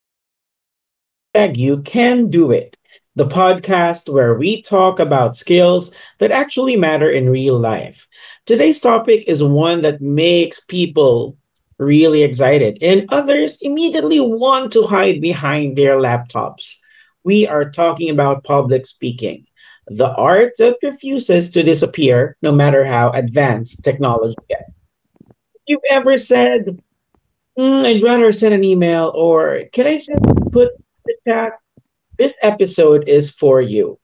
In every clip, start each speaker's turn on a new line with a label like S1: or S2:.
S1: back to hashtag You Can Do It, the podcast where we talk about skills that actually matter in real life. Today's topic is one that makes people really excited, and others immediately want to hide behind their laptops. We are talking about public speaking, the art that refuses to disappear no matter how advanced technology gets. If you've ever said, I'd rather send an email or can I just put in the chat? This episode is for you.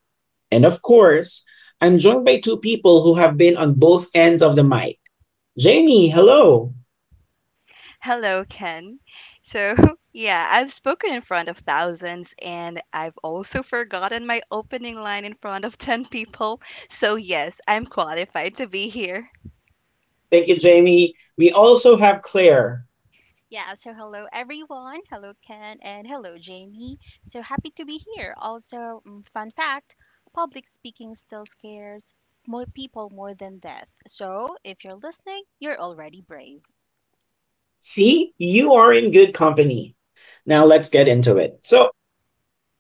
S1: And of course, I'm joined by two people who have been on both ends of the mic. Jamie, hello.
S2: Hello, Ken. So, yeah, I've spoken in front of thousands and I've also forgotten my opening line in front of 10 people. So, yes, I'm qualified to be here.
S1: Thank you, Jamie. We also have Claire.
S3: Yeah, so hello everyone. Hello Ken and hello Jamie. So happy to be here. Also, fun fact, public speaking still scares more people more than death. So, if you're listening, you're already brave.
S1: See, you are in good company. Now let's get into it. So,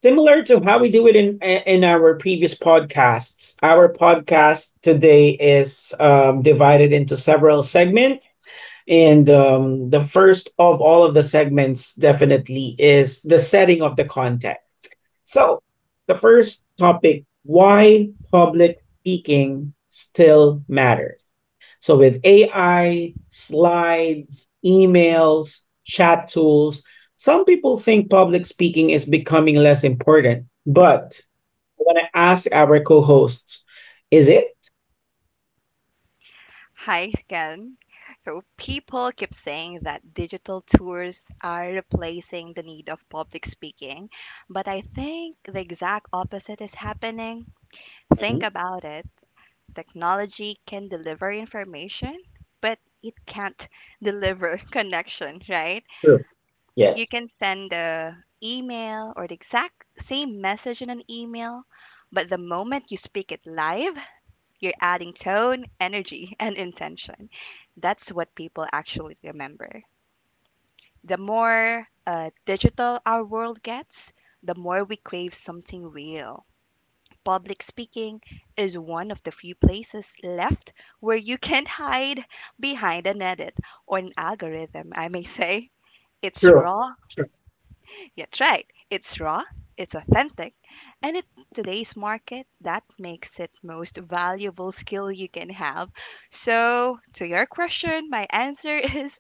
S1: similar to how we do it in our previous podcasts, our podcast today is divided into several segments. And the first of all of the segments definitely is the setting of the content. So, the first topic, why public speaking still matters. So, with AI, slides, emails, chat tools, some people think public speaking is becoming less important. But I want to ask our co hosts, is it?
S2: Hi, Ken. So, people keep saying that digital tours are replacing the need of public speaking, but I think the exact opposite is happening. Think
S1: Mhm.
S2: about it, technology can deliver information, but it can't deliver connection, right?
S1: True.
S2: You
S1: Yes.
S2: can send a email or the exact same message in an email, but the moment you speak it live, you're adding tone, energy, and intention. That's what people actually remember. The more digital our world gets, the more we crave something real. Public speaking is one of the few places left where you can't hide behind an edit or an algorithm, I may say. It's
S1: True.
S2: raw.
S1: True.
S2: That's right. It's raw, it's authentic, and in today's market, that makes it most valuable skill you can have. So, to your question, my answer is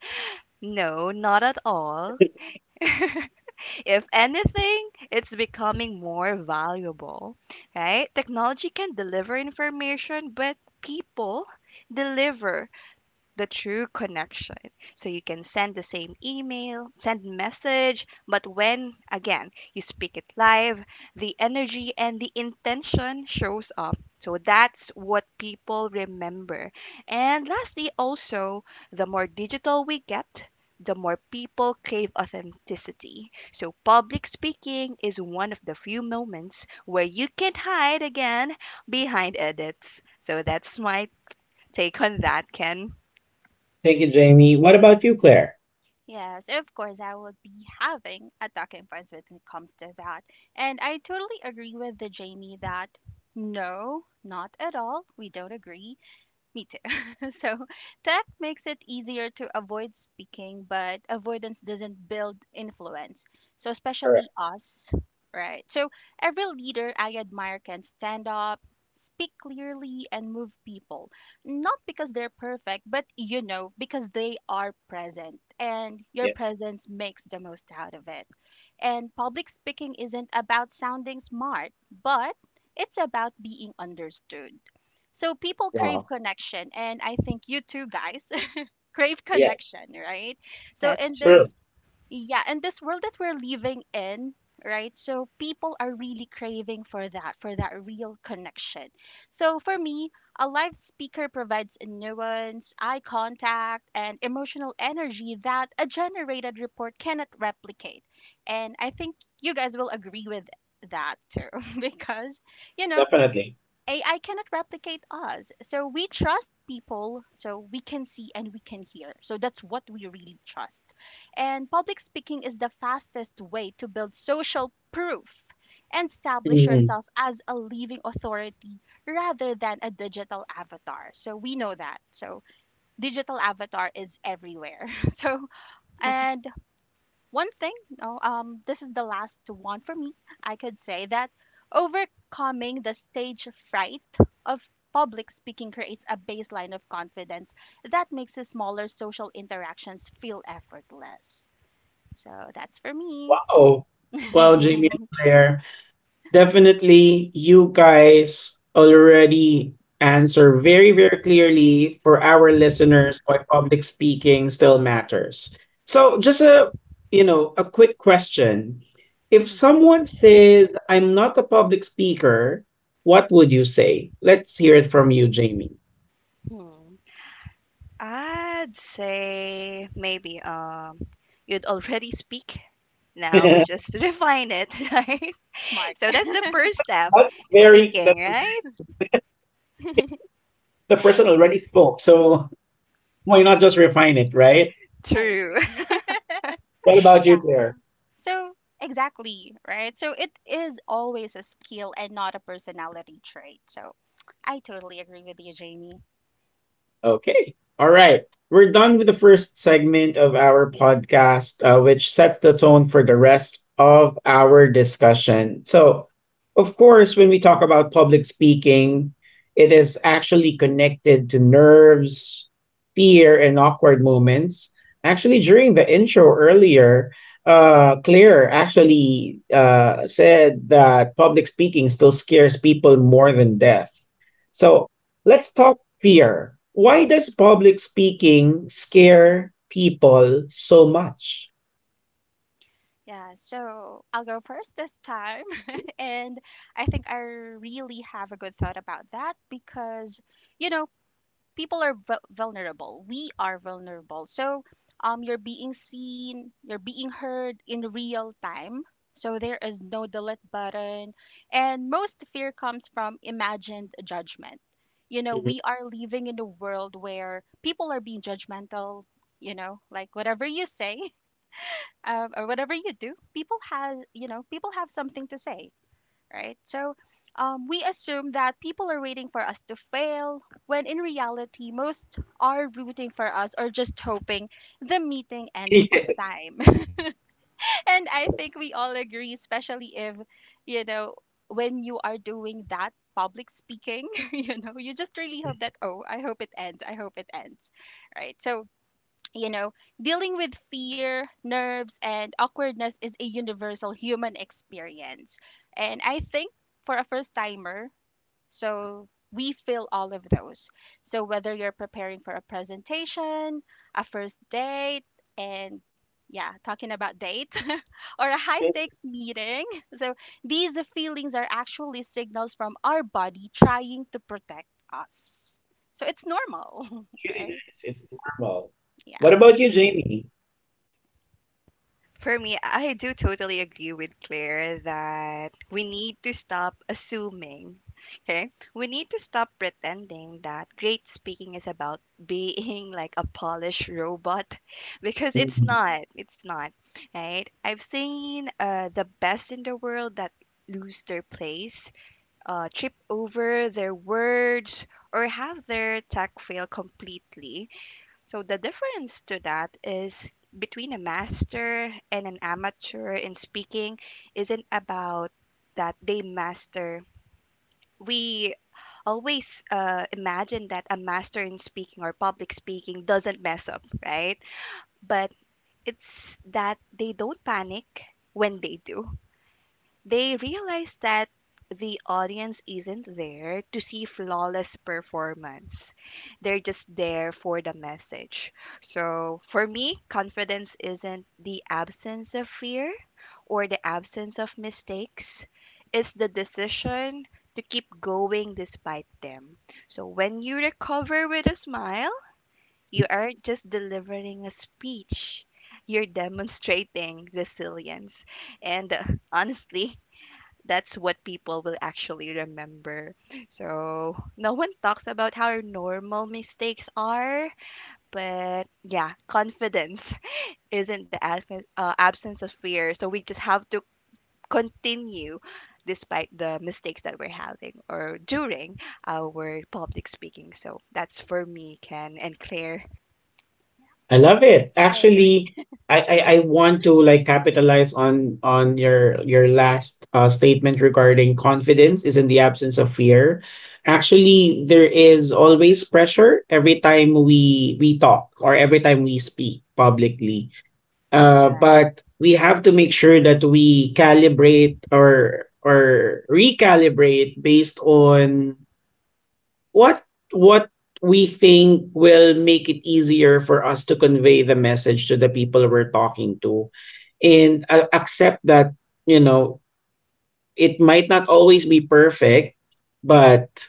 S2: no, not at all. If anything, it's becoming more valuable, right? Technology can deliver information, but people deliver the true connection. So you can send the same email, send message, but when again you speak it live, the energy and the intention shows up. So that's what people remember. And lastly also, the more digital we get, the more people crave authenticity. So public speaking is one of the few moments where you can hide again behind edits. So that's my take on that, Ken.
S1: Thank you, Jamie. What about you, Claire?
S3: Yes, of course I will be having a talking points when it comes to that. And I totally agree with the Jamie that no, not at all. We don't agree. Me too. So, tech makes it easier to avoid speaking, but avoidance doesn't build influence. So, especially
S1: Correct.
S3: us, right? So, every leader I admire can stand up, speak clearly, and move people. Not because they're perfect, but because they are present, and your
S1: Yep.
S3: presence makes the most out of it. And public speaking isn't about sounding smart, but it's about being understood. So people crave
S1: Wow.
S3: connection, and I think you too, guys, crave
S1: Yeah.
S3: connection, right? So
S2: That's
S3: in
S2: true.
S3: this
S1: True.
S3: yeah, and this world that we're living in, right? So people are really craving for that real connection. So for me, a live speaker provides nuance, eye contact, and emotional energy that a generated report cannot replicate. And I think you guys will agree with that too, because, you know,
S1: Definitely.
S3: AI cannot replicate us. So we trust people so we can see and we can hear. So that's what we really trust. And public speaking is the fastest way to build social proof and establish
S1: Mm.
S3: yourself as a living authority rather than a digital avatar. So we know that. So digital avatar is everywhere. So, and one thing, no, this is the last one for me. I could say that overcoming the stage fright of public speaking creates a baseline of confidence that makes the smaller social interactions feel effortless. So that's for me.
S1: Wow. Wow, Jamie and Claire. Definitely, you guys already answer very, very clearly for our listeners why public speaking still matters. So, just a a quick question. If
S2: Mhm.
S1: someone says, I'm not a public speaker, what would you say? Let's hear it from you, Jamie.
S2: Hmm. I'd say maybe you'd already speak. Now we
S1: that's
S2: just refine it, right?
S3: Smart.
S2: So that's the first
S1: that's
S2: step,
S1: that's very
S2: speaking,
S1: that's very
S2: right?
S1: cute. The person already spoke, so why not just refine it, right?
S3: I
S2: True.
S3: agree.
S1: What about
S3: Yeah.
S1: you, Blair?
S3: So, exactly, right? So it is always a skill and not a personality trait. So I totally agree with you, Jamie.
S1: Okay. All right. We're done with the first segment of our podcast, which sets the tone for the rest of our discussion. So, of course, when we talk about public speaking, it is actually connected to nerves, fear, and awkward moments. Actually, during the intro earlier, Claire actually said that public speaking still scares people more than death. So, let's talk fear. Why does public speaking scare people so much?
S3: Yeah, so I'll go first this time.
S1: Mhm.
S3: And I think I really have a good thought about that because, you know, people are vulnerable. We are vulnerable. So, you're being seen, you're being heard in real time. So there is no delete button. And most fear comes from imagined judgment.
S1: Mhm.
S3: We are living in a world where people are being judgmental, like whatever you say, or whatever you do, people have something to say, right? So we assume that people are waiting for us to fail, when in reality, most are rooting for us or just hoping the meeting ends on
S1: Yes,
S3: time. And I
S1: right.
S3: think we all agree, especially if, you know, when you are doing that public speaking, you just really hope
S1: Mm.
S3: that, oh, I hope it ends, I hope it ends, right? So you know, dealing with fear, nerves, and awkwardness is a universal human experience. And I think for a first timer, so we feel all of those. So whether you're preparing for a presentation, a first date, and yeah, talking about date or a high
S1: It's
S3: stakes meeting. So these feelings are actually signals from our body trying to protect us. So it's normal,
S1: really
S3: right?
S1: nice. It's normal.
S3: Yeah,
S1: What about you, Jamie?
S2: For me, I do totally agree with Claire that we need to stop assuming. Okay? We need to stop pretending that great speaking is about being like a polished robot because it's
S1: Mm.
S2: not. It's not. Right? I've seen the best in the world that lose their place, trip over their words, or have their tech fail completely. So the difference to that is between a master and an amateur in speaking isn't about that they master. We always imagine that a master in speaking or public speaking doesn't mess up, right? But it's that they don't panic when they do. They realize that the audience isn't there to see flawless performance. They're just there for the message. So, for me, confidence isn't the absence of fear or the absence of mistakes. It's the decision to keep going despite them. So, when you recover with a smile, you aren't just delivering a speech, you're demonstrating resilience. And honestly, that's what people will actually remember. So, no one talks about how normal mistakes are, but yeah, confidence isn't the absence of fear. So, we just have to continue despite the mistakes that we're having or during our public speaking. So, that's for me, Ken and Claire.
S1: I love it.
S3: I agree.
S1: Actually, I want to like capitalize on your last statement regarding confidence is in the absence of fear. Actually, there is always pressure every time we talk or every time we speak publicly. Uh,
S2: Right.
S1: but we have to make sure that we calibrate or recalibrate based on what what we think will make it easier for us to convey the message to the people we're talking to and accept that, you know, it might not always be perfect, but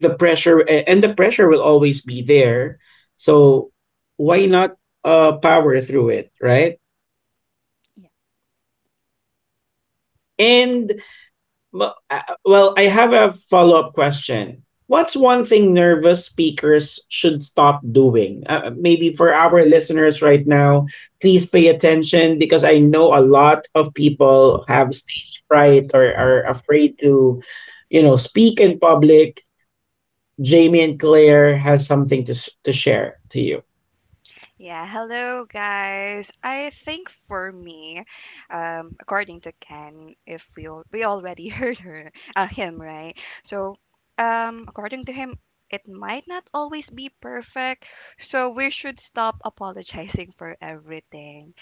S1: the pressure a- and the pressure will always be there, so why not power through it, right?
S3: Yeah,
S1: And well, I have a follow up question. What's one thing nervous speakers should stop doing? Maybe for our listeners right now, please pay attention because I know a lot of people have stage fright or are afraid to, you know, speak in public. Jamie and Claire has something to to share to you.
S2: Yeah, hello guys. I think for me, according to Ken, if we already heard her, him, right? So, according to him, it might not always be perfect. So we should stop apologizing for everything.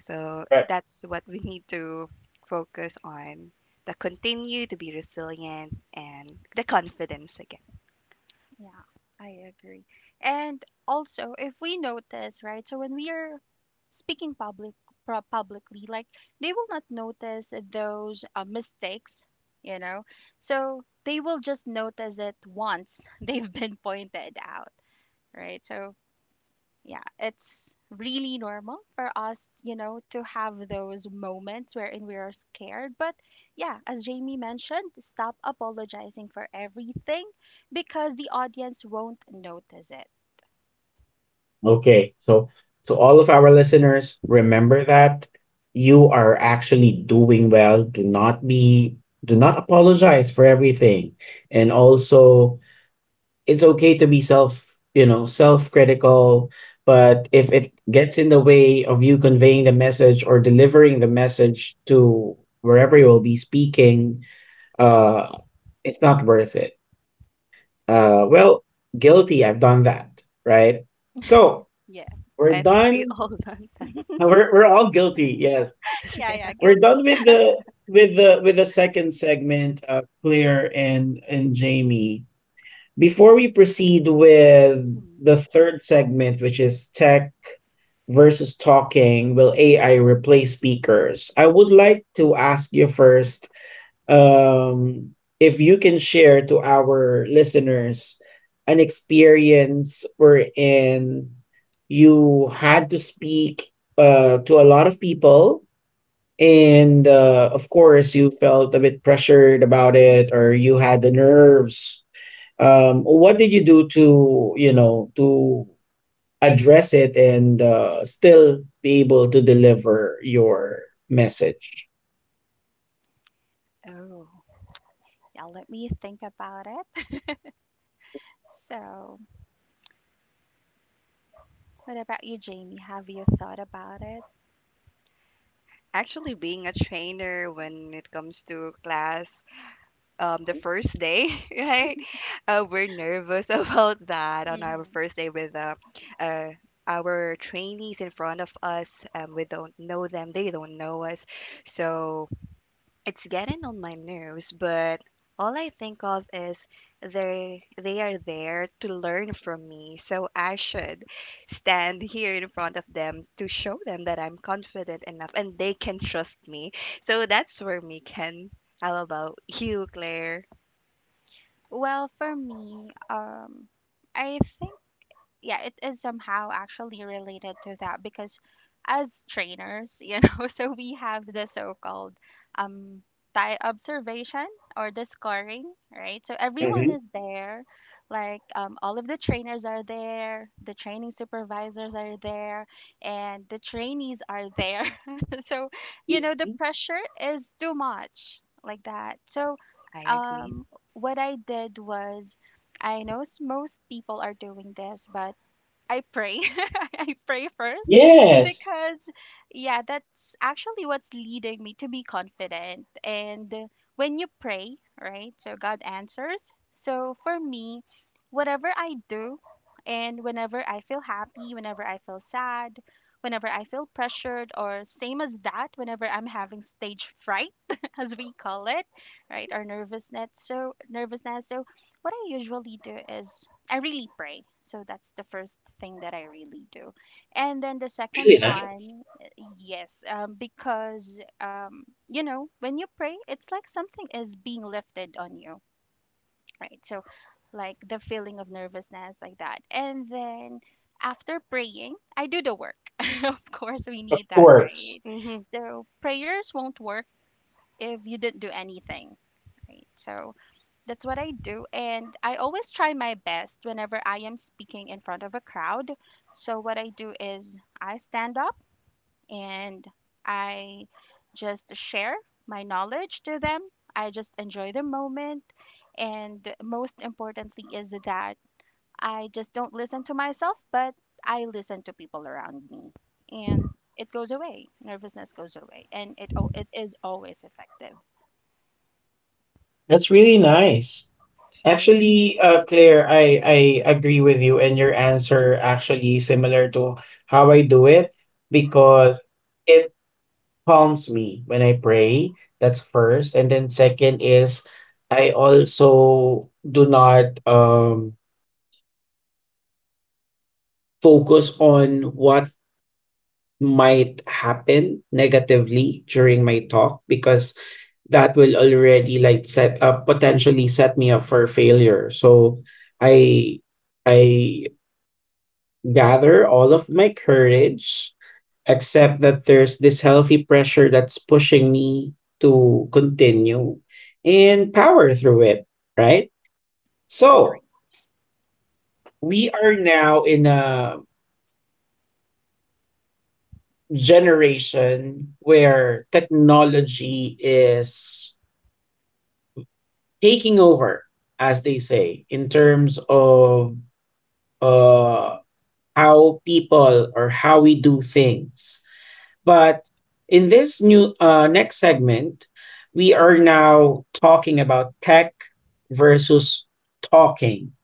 S2: So that's what we need to focus on. The continue to be resilient and the confidence again.
S3: yeah, I agree. And also, if we notice, right? So when we are speaking publicly, like they will not notice those mistakes, you know. So they will just notice it once they've been pointed out, right? So, yeah, it's really normal for us, to have those moments wherein we are scared. But yeah, as Jamie mentioned, stop apologizing for everything because the audience won't notice it.
S1: Okay, so to all of our listeners, remember that you are actually doing well. Do not apologize for everything. And also, it's okay to be self-critical, but if it gets in the way of you conveying the message or delivering the message to wherever you will be speaking, uh, it's not worth it. Well, guilty, I've done that, right? So,
S3: Yeah.
S1: we're
S2: I think we
S1: done.
S2: all
S1: No, we're all guilty. Yes,
S2: like,
S3: Yeah,
S2: yeah.
S3: yeah,
S1: we're done
S3: guilty.
S1: with the with the second segment. Claire and Jamie. Before we proceed with the third segment, which is tech versus talking, will AI replace speakers? I would like to ask you first, if you can share to our listeners an experience wherein you had to speak to a lot of people, and of course, you felt a bit pressured about it, or you had the nerves. What did you do to, you know, to address it and still be able to deliver your message?
S3: Oh, yeah, let me think about it. So, what about you, Jamie? Have you thought about it?
S2: Actually being a trainer when it comes to class, the first day, right, we're nervous about that on our
S3: Hmm.
S2: first day with uh, our trainees in front of us. We don't know them, they don't know us, so it's getting on my nerves, but all I think of is they are there to learn from me, so I should stand here in front of them to show them that I'm confident enough and they can trust me. So that's where me can. How about you, Claire?
S3: Well, for me, I think, yeah, it is somehow actually related to that because as trainers, so we have the so-called um observation or the scoring, right? So everyone
S1: Mm-hmm.
S3: is there, like all of the trainers are there, the training supervisors are there, and the trainees are there. So the
S1: Mhm.
S3: pressure is too much like that. So
S2: I agree.
S3: um, what I did was I know most people are doing this, but I pray. I pray first
S1: Yes.
S3: because, yeah, that's actually what's leading me to be confident. And when you pray, right, so God answers. So for me, whatever I do, and whenever I feel happy, whenever I feel sad, whenever I feel pressured, or same as that, whenever I'm having stage fright, as we call it, right, or nervousness. So, nervousness. So, what I usually do is I really pray. So that's the first thing that I really do. And then the second one, yes, because, when you pray, it's like something is being lifted on you, right? So, like the feeling of nervousness, like that. And then after praying, I do the work. Of course, we
S1: Of
S3: need that,
S1: course.
S3: right?
S2: Hmm.
S3: So, prayers won't work if you didn't do anything, right? So, that's what I do. And I always try my best whenever I am speaking in front of a crowd. So, what I do is I stand up and I just share my knowledge to them. I just enjoy the moment. And most importantly, is that I just don't listen to myself, but I listen to people around me. And it goes away. Nervousness goes away. And it is always effective.
S1: That's really nice. Actually, Claire, I agree with you, and your answer actually similar to how I do it because it calms me when I pray. That's first. And then second is I also do not focus on what might happen negatively during my talk because that will already like set up, potentially set me up for failure. So i I gather all of my courage, except that there's this healthy pressure that's pushing me to continue and power through it, right? So
S3: Agree.
S1: we are now in a generation where technology is taking over, as they say, in terms of, uh, how people or how we do things. But in this new next segment, we are now talking about tech versus talking.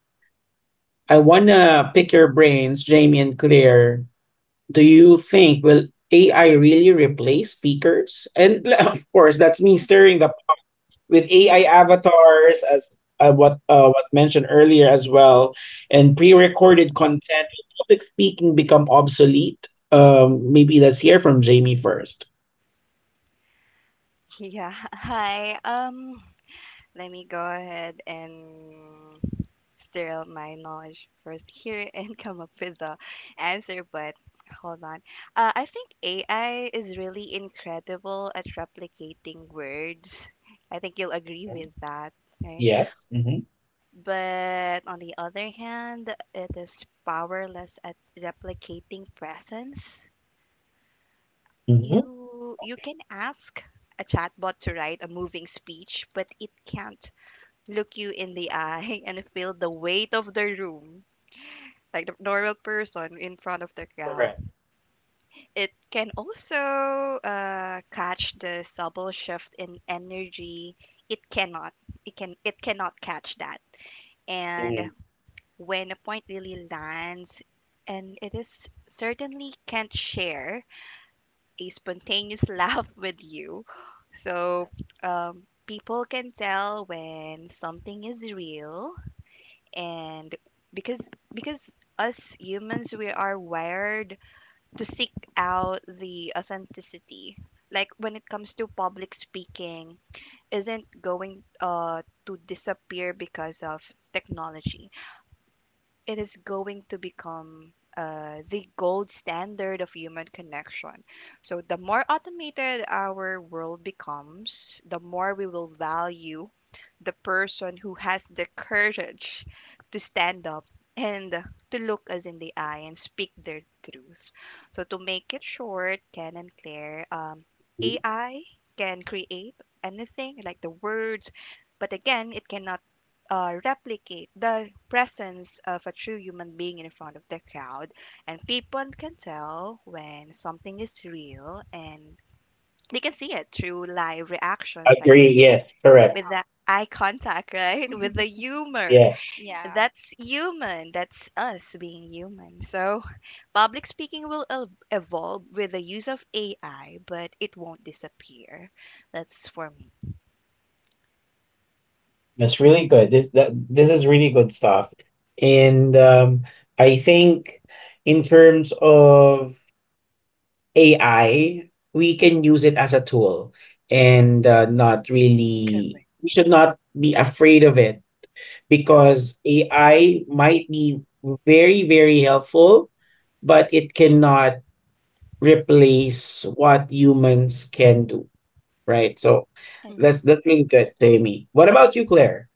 S1: I want to pick your brains, Jamie and Claire. Do you think will AI really replace speakers? And of course, that's me stirring the with AI avatars, as what was mentioned earlier as well, and pre-recorded content, will public speaking become obsolete? Maybe let's hear from Jamie first.
S2: Yeah. Hi. Let me go ahead and steal my knowledge first here and come up with the answer, but hold on. I think AI is really incredible at replicating words. I think you'll agree
S1: Okay.
S2: with that, right?
S1: Yes. Hmm.
S2: But on the other hand, it is powerless at replicating presence.
S1: Hmm.
S2: You can ask a chatbot to write a moving speech, but it can't look you in the eye and feel the weight of the room like the normal person in front of the crowd.
S1: Correct.
S2: It can also catch the subtle shift in energy. It cannot. It can. It cannot catch that. And
S1: Mhm.
S2: when a point really lands, and it is certainly can't share a spontaneous laugh with you. So people can tell when something is real, and because us humans, we are wired to seek out the authenticity. Like when it comes to public speaking, isn't going to disappear because of technology, it is going to become the gold standard of human connection. So, the more automated our world becomes, the more we will value the person who has the courage to stand up and to look us in the eye and speak their truth. So, to make it short, Ken and Claire,
S1: Mhm.
S2: AI can create anything like the words, but again, it cannot replicate the presence of a true human being in front of the crowd, and people can tell when something is real, and they can see it through live reactions, like
S1: Agree. Yes. Correct.
S2: with
S3: Yeah.
S2: the eye contact, right? With the humor.
S1: Yes.
S3: Yeah.
S2: That's human. That's us being human. So, public speaking will evolve with the use of AI, but it won't disappear. That's for me.
S1: That's really good. This, that this is really good stuff. And I think in terms of AI, we can use it as a tool and, not really,
S2: Correct.
S1: we should not be afraid of it
S3: Yeah.
S1: because AI might be very, very helpful, but it cannot replace what humans can do, right? So
S2: Mhm.
S3: Agree.
S1: that's really good, Jamie. What about you, Claire?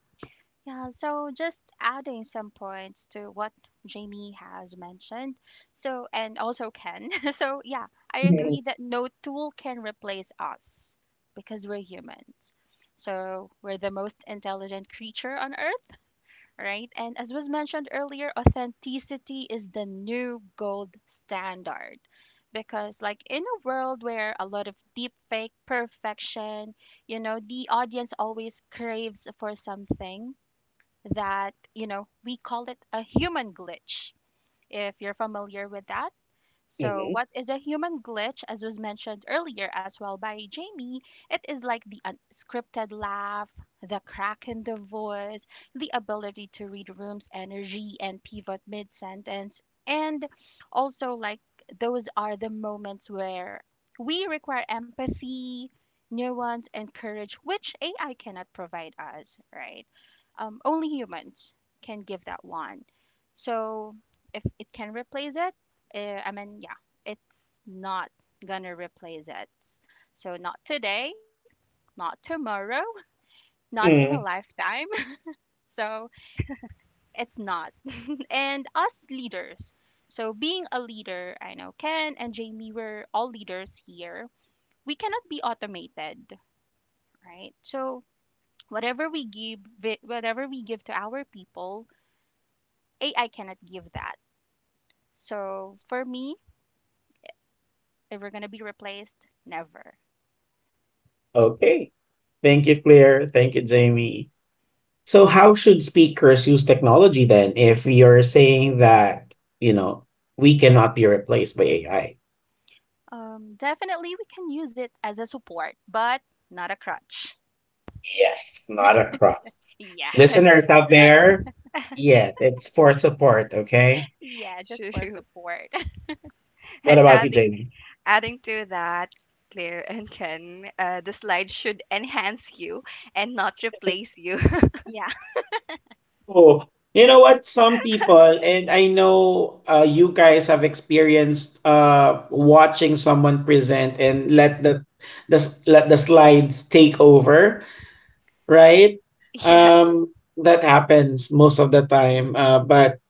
S3: Yeah, so just adding some points to what Jamie has mentioned. So, and also Ken. So, yeah, I
S1: Mhm,
S3: agree that no tool can replace us because we're humans. So, we're the most intelligent creature on earth, right? And as was mentioned earlier, authenticity is the new gold standard. Because, like, in a world where a lot of deep fake perfection, the audience always craves for something that, we call it a human glitch. If you're familiar with that, so,
S1: mhm,
S3: what is a human glitch, as was mentioned earlier as well by Jamie? It is like the unscripted laugh, the crack in the voice, the ability to read rooms energy and pivot mid sentence, and also like those are the moments where we require empathy, nuance, and courage, which AI cannot provide us, right? Only humans can give that one. So, if it can replace it, I mean, yeah, it's not gonna replace it. So not today, not tomorrow, not in a
S1: mhm.
S3: lifetime. So it's not. And us leaders. So being a leader, I know Ken and Jamie were all leaders here. We cannot be automated, right? So whatever we give to our people, AI cannot give that. So for me, if we're gonna be replaced, never.
S1: Okay. Thank you, Claire. Thank you, Jamie. So, how should speakers use technology then if you're saying that, you know, we cannot be replaced by AI?
S3: Definitely we can use it as a support, but not a crutch.
S1: Yes, not a crock.
S3: Yeah,
S1: Listeners out there, yes, it's for support, okay?
S3: yeah, just for
S2: True.
S3: support.
S1: What
S2: And
S1: about you,
S2: adding
S1: Jamie?
S2: Adding to that, Claire and Ken, the slides should enhance you and not replace you.
S3: Yeah.
S1: Oh, you know what? Some people, and I know you guys have experienced watching someone present and let let the slides take over, right?
S2: Yes.
S1: That happens most of the time. But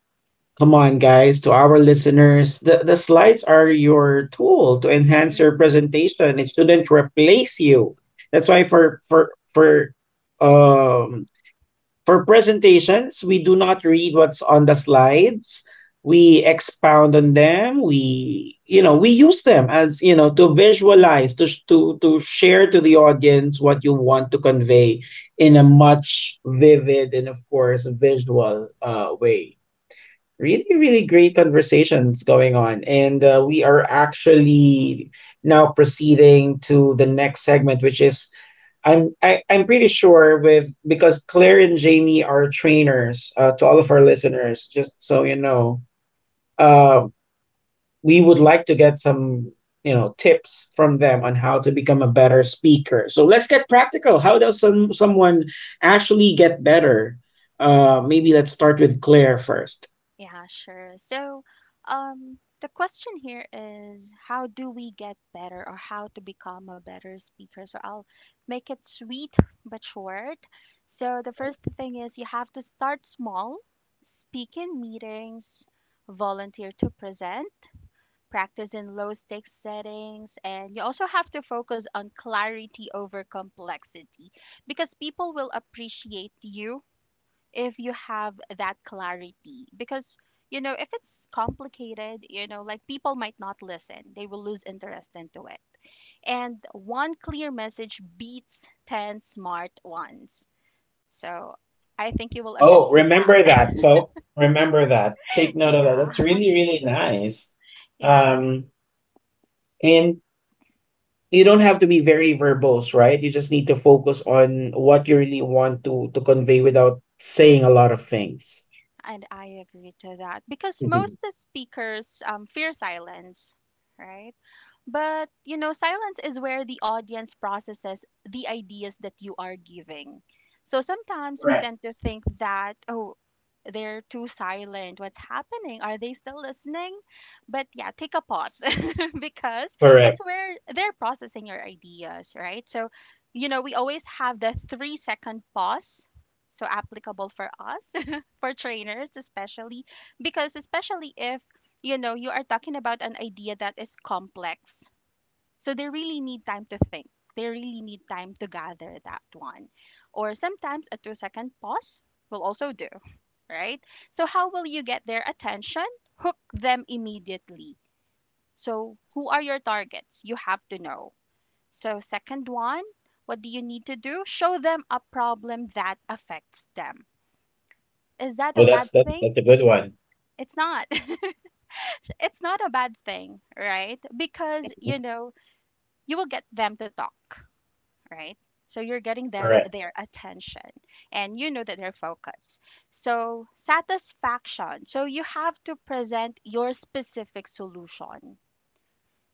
S1: come on, guys, to our listeners, the slides are your tool to enhance your
S3: Hmm.
S1: presentation. It shouldn't replace you. That's why for um for presentations, we do not read what's on the slides. We expound on them. We, you know, we use them as, you know, to visualize, to share to the audience what you want to convey in a much vivid and, of course, visual way. Really really great conversations going on, and we are actually now proceeding to the next segment, which is, I'm pretty sure with, because Claire and Jamie are trainers, to all of our listeners, just so you know, uh, we would like to get some, you know, tips from them on how to become a better speaker. So let's get practical. How does someone actually get better? Maybe let's start with Claire first.
S3: Yeah, sure. So, the question here is how do we get better or how to become a better speaker? So I'll make it sweet but short. So the first thing is you have to start small, speak in meetings, volunteer to present, practice in low stakes settings, and you also have to focus on clarity over complexity because people will appreciate you if you have that clarity. Because, if it's complicated, like people might not listen, they will lose interest into it. And one clear message beats 10 smart ones. So I think you will agree
S1: Oh,
S3: to
S1: remember
S3: that.
S1: that, folks. Remember that. Take note of that.
S3: Yeah.
S1: That's really, really nice.
S3: Yeah.
S1: Um, and you don't have to be very verbose, right? You just need to focus on what you really want to convey without saying a lot of things.
S3: And I agree to that because
S1: Mhm.
S3: most the speakers fear silence, right? But, silence is where the audience processes the ideas that you are giving. So sometimes we
S1: Correct.
S3: tend to think that, oh, they're too silent. What's happening? Are they still listening? But yeah, take a pause because it's
S1: Correct.
S3: where they're processing your ideas, right? So, we always have the 3-second pause. So applicable for us, for trainers especially, because especially if you are talking about an idea that is complex. So they really need time to think. They really need time to gather that one. Or sometimes a 2-second pause will also do, right? So, how will you get their attention? Hook them immediately. So, who are your targets? You have to know. So, second one, what do you need to do? Show them a problem that affects them. Is that a
S1: Oh,
S3: bad thing?
S1: that's a good one.
S3: It's not. It's not a bad thing, right? Because,
S1: Mhm.
S3: you will get them to talk, right? So you're getting their
S1: Correct.
S3: their attention and you know that they're focused. So satisfaction. So you have to present your specific solution.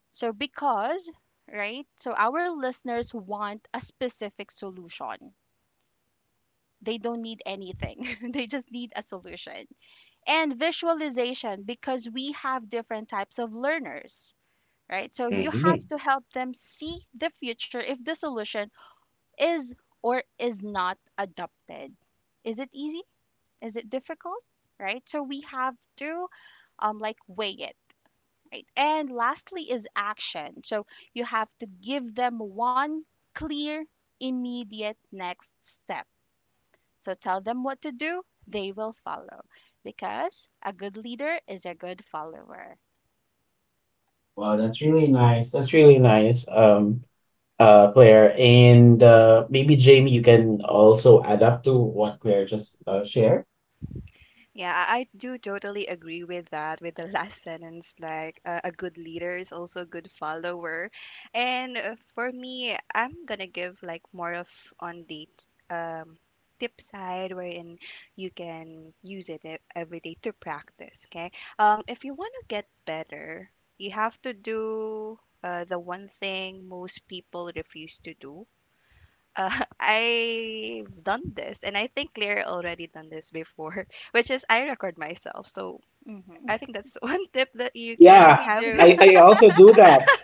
S3: So because, right? So our listeners want a specific solution. They don't need anything. They just need a solution. And visualization because we have different types of learners, right? So you have
S1: Hmm.
S3: to help them see the future if the solution is or is not adopted. Is it easy? Is it difficult? Right? So we have to like weigh it. Right? And lastly is action. So you have to give them one clear, immediate next step. So tell them what to do, they will follow because a good leader is a good follower.
S1: Wow, that's really nice. That's really nice, Claire. And maybe Jamie, you can also add up to what Claire just shared.
S2: Yeah, I do totally agree with that, with the last sentence, like a good leader is also a good follower. And for me, I'm gonna give like more of on the tip side wherein you can use it every day to practice, okay? If you want to get better, you have to do the one thing most people refuse to do. uh, I've done this, and I think Claire already done this before, which is I record myself. So
S3: Hmm.
S2: I think that's one tip that you can
S1: Yeah,
S3: We
S2: have
S3: do.
S2: this:
S1: I also do that.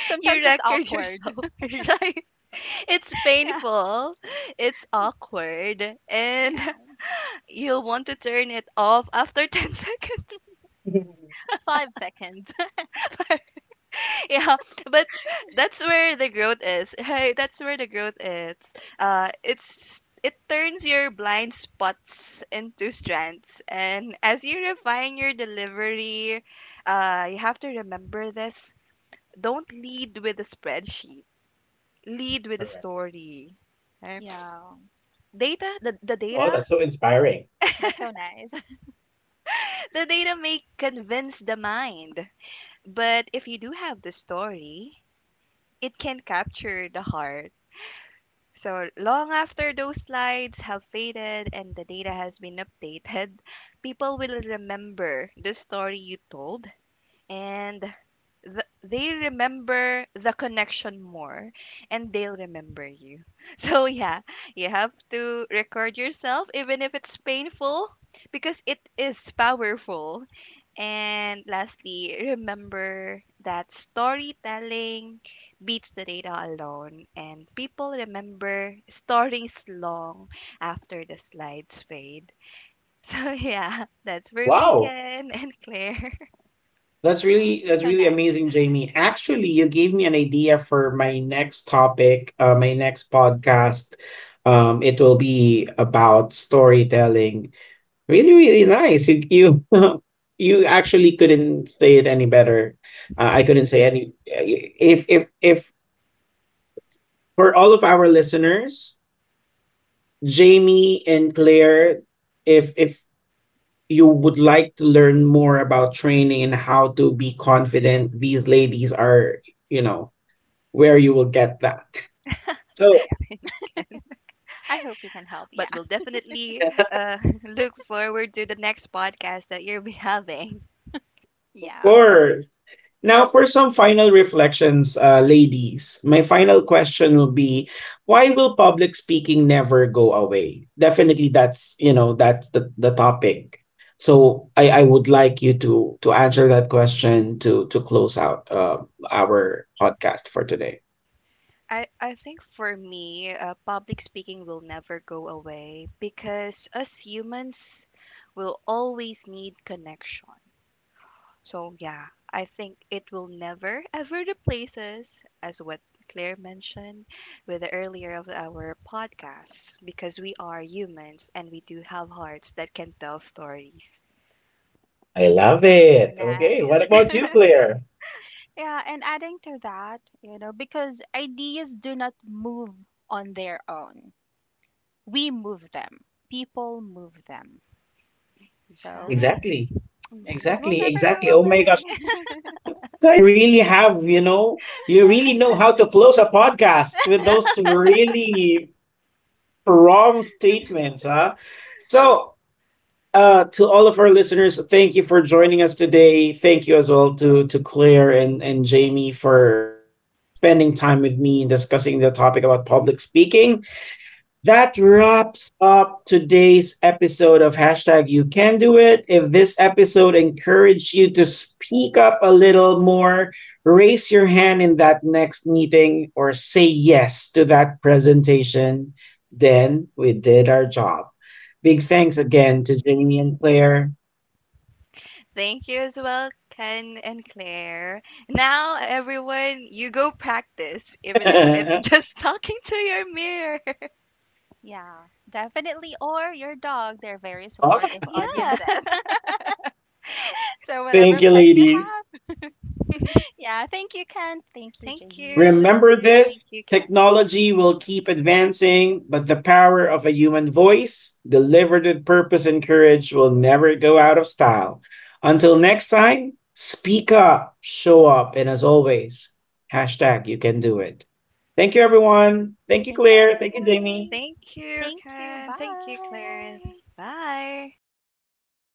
S3: Sometimes
S2: you
S3: it's
S2: record
S3: awkward.
S2: yourself, right? It's
S3: Yeah.
S2: painful, it's awkward,
S3: Yeah.
S2: and you'll want to turn it off after 10 seconds.
S3: 5 seconds.
S2: Yeah, but that's where the growth is, right, that's where the growth is. It's it turns your blind spots into strengths, and as you refine your delivery, you have to remember this: don't lead with a spreadsheet, lead with a
S1: Correct.
S2: story, okay?
S3: Yeah.
S2: Data, the
S1: Oh,
S2: data
S1: that's so inspiring.
S3: That's so nice.
S2: the data may convince the mind, but if you do have the story, it can capture the heart. So, long after those slides have faded and the data has been updated, people will remember the story you told, and they remember the connection more, and they'll remember you. So yeah, you have to record yourself even if it's painful, because it is powerful. And lastly, remember that storytelling beats the data alone, and people remember stories long after the slides fade. So yeah, that's for me,
S1: Wow.
S2: Ken and Claire.
S3: Yeah, that's
S1: That's
S3: so
S1: really
S3: nice.
S1: amazing, Jamie. Actually, you gave me an idea for my next topic, my next podcast. It will be about storytelling. Really, really nice. You, you actually couldn't say it any better. I couldn't say any. If for all of our listeners, Jamie and Claire, if you would like to learn more about training and how to be confident, these ladies are, you know, where you will get that.
S3: Yeah,
S1: So,
S3: yeah.
S2: Thanks, Ken.
S3: I hope we can help.
S2: But
S3: Yeah,
S2: we'll definitely look forward to the next podcast that you'll be having.
S3: yeah,
S1: for now, for some final reflections, ladies, my final question will be, why will public speaking never go away? Definitely, that's, you know, that's the topic. So I would like you to answer that question to close out our podcast for today.
S2: I think for me, public speaking will never go away because us humans will always need connection. So, yeah, I think it will never ever replace us, as what Claire mentioned with the earlier of our podcast, because we are humans and we do have hearts that can tell stories.
S1: I love
S3: that's
S1: it.
S3: so
S1: Okay, what
S3: nice.
S1: about you, Claire?
S3: Yeah, and adding to that, because ideas do not move on their own, we move them, people move them. So,
S2: Right.
S1: Exactly,
S3: yeah,
S2: Hmm.
S3: it will
S1: exactly,
S3: never go
S1: exactly. Oh my
S3: away.
S1: gosh, you guys really have, you know, you really know how to close a podcast with those really prompt statements, huh? So, to all of our listeners, thank you for joining us today. Thank you as well to Claire and Jamie for spending time with me and discussing the topic about public speaking. That wraps up today's episode of hashtag You Can Do It. If this episode encouraged you to speak up a little more, raise your hand in that next meeting or say yes to that presentation, then we did our job. Big thanks again to Jamie and Claire.
S2: Thank you as well, Ken and Claire. Now, everyone, you go practice, even if it's just talking to your mirror.
S3: Yeah, definitely. Or your dog, they're very supportive audiences.
S2: Yeah.
S3: So,
S1: Thank
S3: whatever
S1: you,
S3: pet you
S1: lady.
S3: have. Yeah, thank you, Ken. Thank you,
S2: Thank you,
S3: Jamie.
S1: Remember
S2: listeners.
S1: this,
S2: Thank you, Ken.
S1: technology will keep advancing, but the power of a human voice, delivered with purpose and courage, will never go out of style. Until next time, speak up, show up, and as always, hashtag You Can Do It. Thank you, everyone. Thank you,
S3: Thank you,
S1: Claire. Thank you, Jamie.
S3: everyone.
S2: Thank you,
S3: Thank you.
S2: Ken.
S3: Bye.
S2: Thank you, Claire. Bye.